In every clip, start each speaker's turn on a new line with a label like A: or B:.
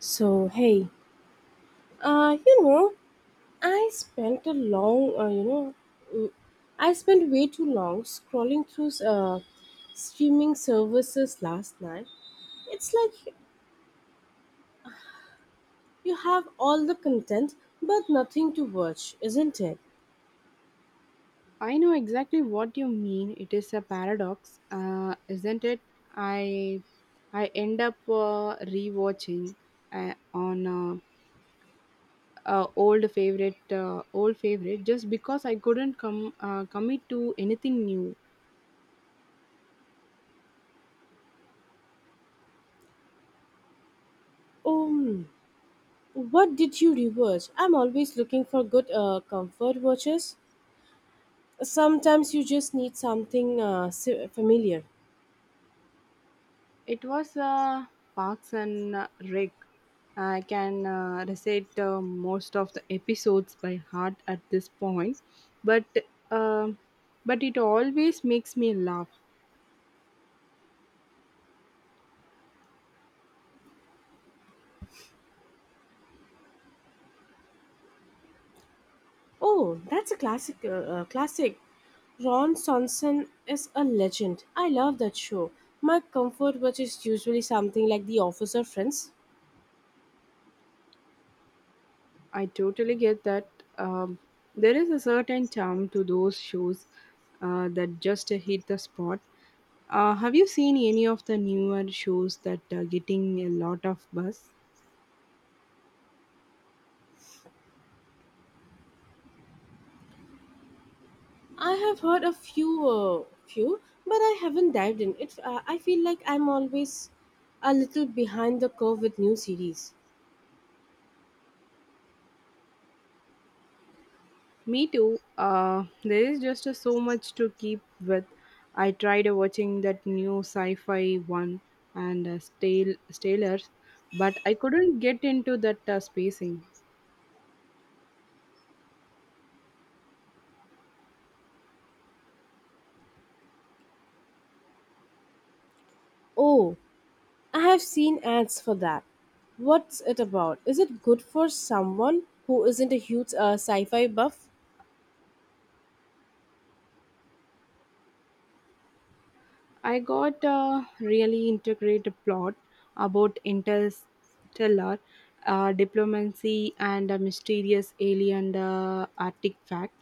A: So hey, uh, you know, I spent a long, you know, mm, I spent way too long scrolling through streaming services last night. It's like you have all the content but nothing to watch, isn't it?
B: I know exactly what you mean. It is a paradox, isn't it? I I end up rewatching on old favorite just because I couldn't come commit to anything new.
A: Um, what did you rewatch? I'm always looking for good comfort watches. Sometimes you just need something familiar.
B: It was Parks and Rec. I can recite most of the episodes by heart at this point, but um but it always makes me laugh.
A: Oh, that's a classic. Classic. Ron Swanson is a legend. I love that show. My comfort watch is usually something like The Office or Friends.
B: I totally get that. Um, there is a certain charm to those shows that just hit the spot. Have you seen any of the newer shows that are getting a lot of buzz?
A: I have heard few, but I haven't dived in. It. I feel like I'm always a little behind the curve with new series.
B: Me too. There is just so much to keep with. I tried watching that new sci-fi one and Stalers, but I couldn't get into that spacing.
A: Oh, I have seen ads for that. What's it about? Is it good for someone who isn't a huge sci-fi buff?
B: I got a really integrated plot about interstellar diplomacy and a mysterious alien artifact.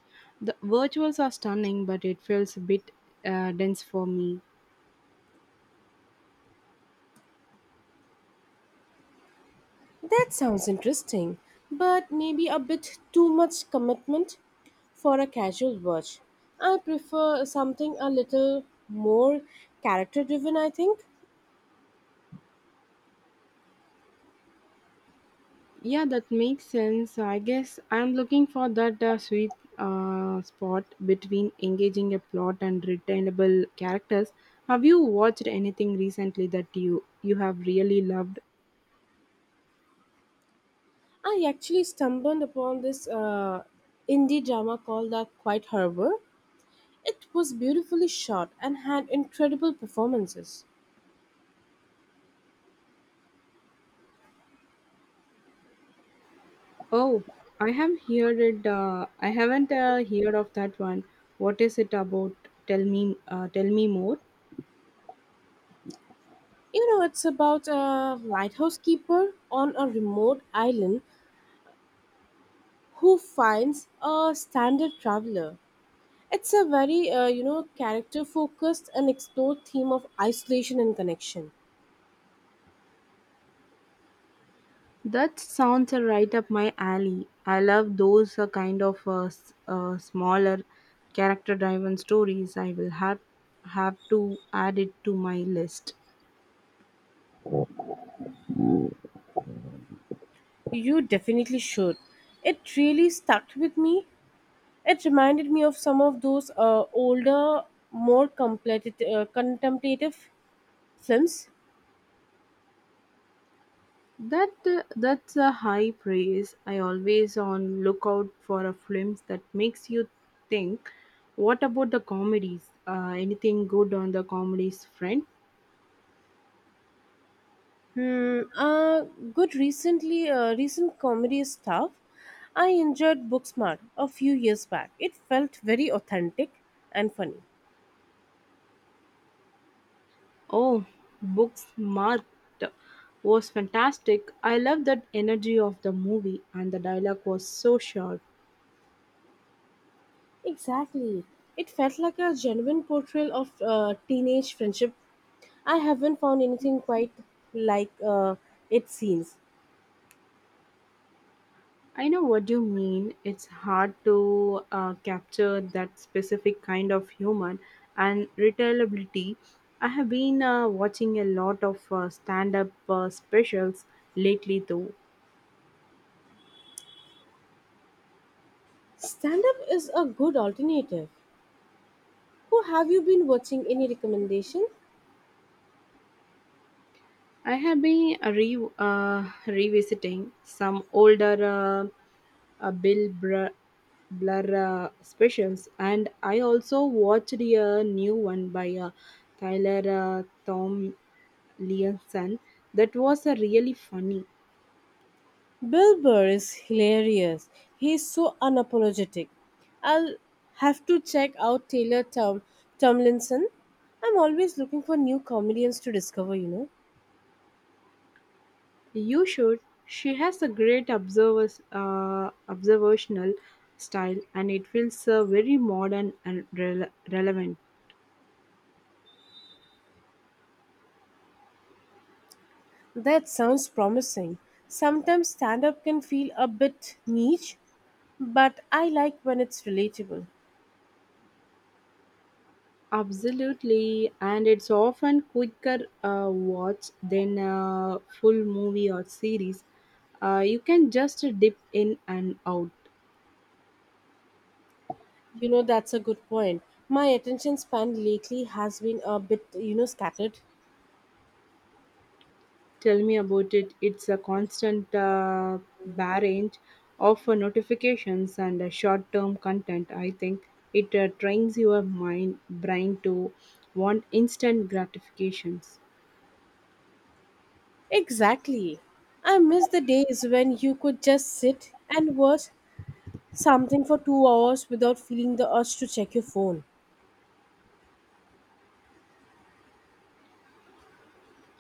B: The virtuals are stunning, but it feels a bit dense for me.
A: That sounds interesting, but maybe a bit too much commitment for a casual watch. I prefer something a little more character driven, I think.
B: Yeah, that makes sense. I guess I'm looking for that sweet spot between engaging a plot and retainable characters. Have you watched anything recently that you have really loved?
A: I actually stumbled upon this indie drama called The Quiet Harbor. It was beautifully shot and had incredible performances.
B: Oh, I have heard it. I haven't heard of that one. What is it about? Tell me. Tell me more.
A: You know, it's about a lighthouse keeper on a remote island who finds a stranded traveler. It's a very character focused and explored theme of isolation and connection.
B: That sounds right up my alley. I love those kind of smaller, character-driven stories. I will have to add it to my list.
A: You definitely should. It really stuck with me. It reminded me of some of those older, more contemplative films.
B: That's a high praise. I always on lookout for a films that makes you think. What about the comedies? Anything good on the comedies front?
A: Hmm. Uh, Recent comedy stuff. I enjoyed Booksmart a few years back. It felt very authentic and funny.
B: Oh, Booksmart was fantastic. I loved that energy of the movie, and the dialogue was so short.
A: Exactly. It felt like a genuine portrayal of teenage friendship. I haven't found anything quite like it seems.
B: I know what you mean. It's hard to capture that specific kind of humor and retailability. I have been watching a lot of stand up specials lately, though.
A: Stand up is a good alternative. Who have you been watching? Any recommendation?
B: I have been revisiting some older Bill Blur specials, and I also watched a new one by Tyler Tom Leonson that was really funny.
A: Bill Burr is hilarious. He's so unapologetic. I'll have to check out Taylor Tomlinson. I'm always looking for new comedians to discover, you know.
B: You should. She has a great observational style, and it feels very modern and relevant.
A: That sounds promising. Sometimes stand up can feel a bit niche, but I like when it's relatable.
B: Absolutely, and it's often quicker watch than a full movie or series. You can just dip in and out.
A: You know, that's a good point. My attention span lately has been a bit scattered.
B: Tell me about it. It's a constant barrage of notifications and short-term content. I think it trains your mind brain to want instant gratifications.
A: Exactly. I miss the days when you could just sit and watch something for 2 hours without feeling the urge to check your phone.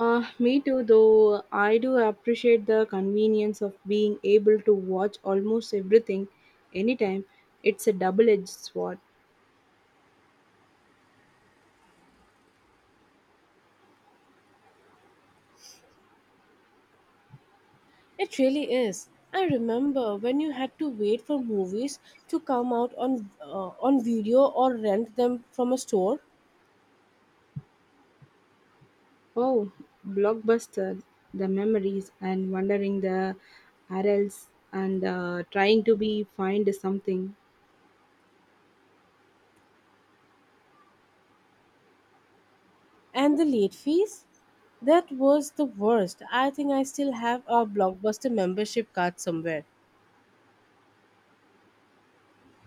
B: Me too, though I do appreciate the convenience of being able to watch almost everything anytime. It's a double edged sword.
A: It really is. I remember when you had to wait for movies to come out on on video or rent them from a store.
B: Oh, Blockbuster, the memories, and wondering the arils and trying to be find something.
A: And the late fees? That was the worst. I think I still have a Blockbuster membership card somewhere.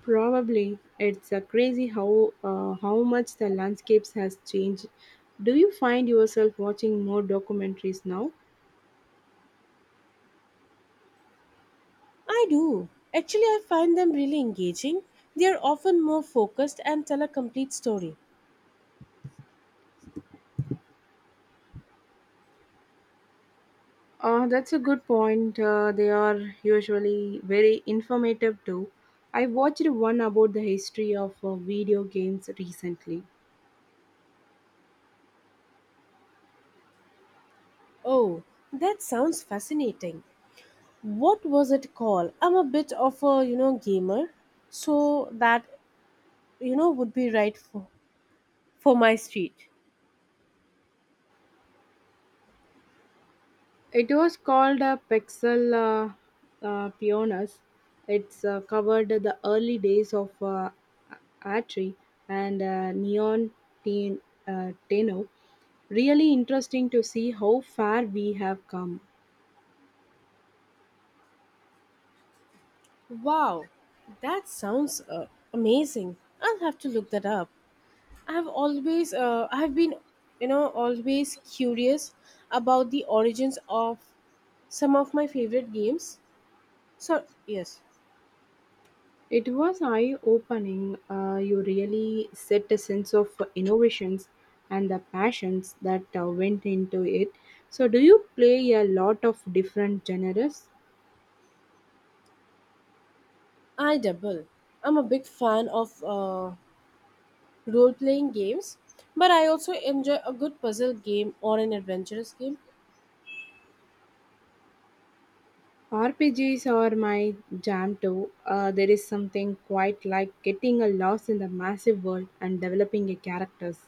B: Probably it's crazy how much the landscapes has changed. Do you find yourself watching more documentaries now?
A: I do. Actually, I find them really engaging. They are often more focused and tell a complete story.
B: That's a good point. They are usually very informative too. I watched one about the history of video games recently.
A: Oh, that sounds fascinating. What was it called? I'm a bit of a gamer, so that would be right for my street.
B: It was called Pixel Pioneers. It's covered the early days of Atari and Ten, Tenno. Really interesting to see how far we have come.
A: Wow, that sounds amazing. I'll have to look that up. I've been always curious about the origins of some of my favorite games. So yes,
B: It was eye-opening. You really set a sense of innovations and the passions that went into it. So, do you play a lot of different genres?
A: I double. I'm a big fan of role-playing games, but I also enjoy a good puzzle game or an adventurous game.
B: RPGs are my jam too. There is something quite like getting a lost in the massive world and developing a characters.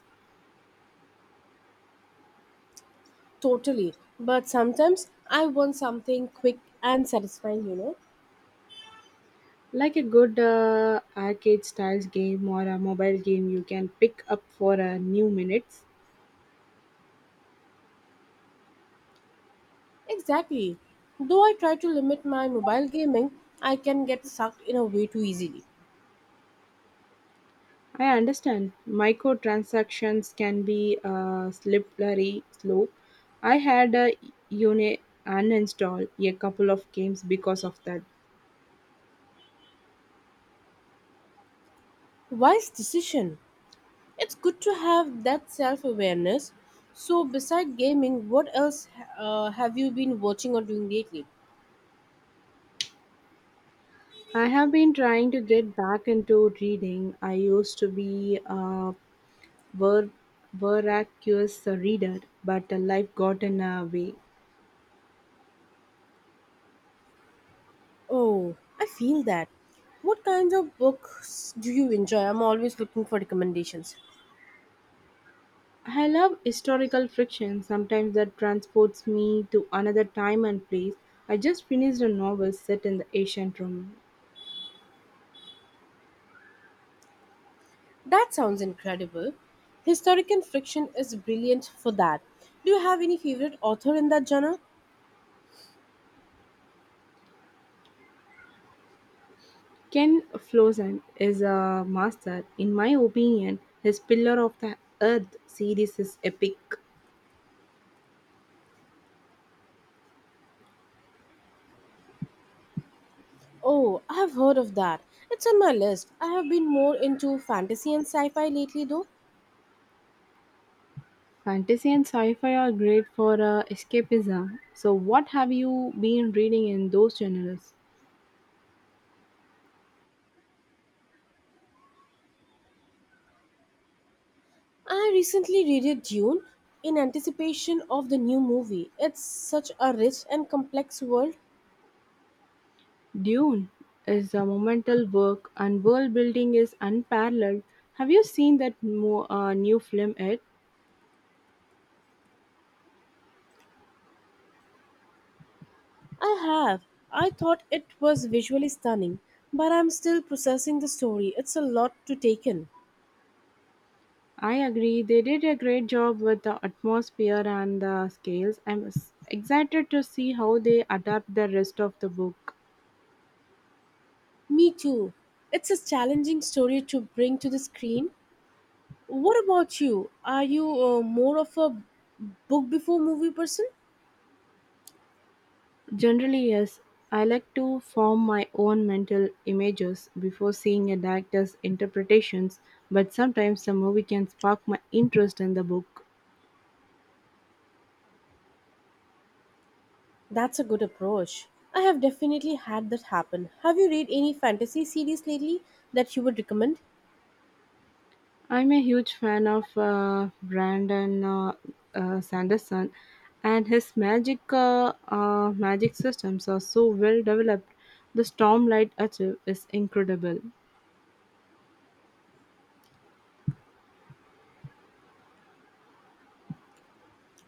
A: Totally, but sometimes I want something quick and satisfying. You know,
B: Like a good arcade style game or a mobile game you can pick up for a new minutes.
A: exactly. Though I try to limit my mobile gaming, I can get sucked in a way too easily.
B: I understand microtransactions can be a slippery slope. I had a unit uninstall a couple of games because of that.
A: Wise decision. It's good to have that self awareness. So, beside gaming, what else have you been watching or doing lately?
B: I have been trying to get back into reading. I used to be a ver- voracious reader, but life got in a way.
A: Oh, I feel that. What kinds of books do you enjoy? I'm always looking for recommendations.
B: I love historical fiction. Sometimes that transports me to another time and place. I just finished a novel set in the ancient Rome.
A: That sounds incredible. Historical fiction is brilliant for that. Do you have any favorite author in that genre?
B: Ken Flosen is a master. In my opinion, his Pillar of the Earth series is epic.
A: Oh, I have heard of that. It's on my list. I have been more into fantasy and sci fi lately, though.
B: Fantasy and sci-fi are great for escapism. So, what have you been reading in those genres?
A: I recently reread Dune in anticipation of the new movie. It's such a rich and complex world.
B: Dune is a monumental work, and world building is unparalleled. Have you seen that new film yet?
A: I have. I thought it was visually stunning, but I'm still processing the story. It's a lot to take in.
B: I agree. They did a great job with the atmosphere and the scales. I'm excited to see how they adapt the rest of the book.
A: Me too. It's a challenging story to bring to the screen. What about you? Are you more of a book before movie person?
B: Generally, yes. I like to form my own mental images before seeing a director's interpretations, but sometimes a movie can spark my interest in the book.
A: That's a good approach. I have definitely had that happen. Have you read any fantasy series lately that you would recommend?
B: I'm a huge fan of Brandon Sanderson, and his magic systems are so well developed. The Stormlight Archive is incredible.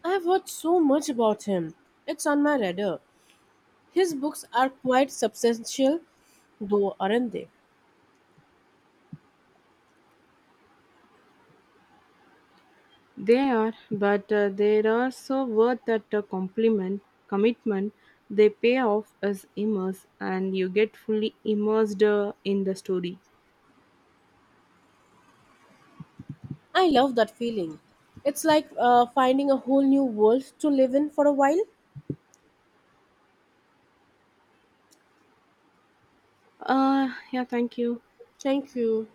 A: I've heard so much about him. It's on my radar. His books are quite substantial, though, aren't they?
B: They are, but they are so worth that commitment. They pay off as immerse, and you get fully immersed in the story.
A: I love that feeling. It's like finding a whole new world to live in for a while.
B: Yeah, thank you.
A: Thank you.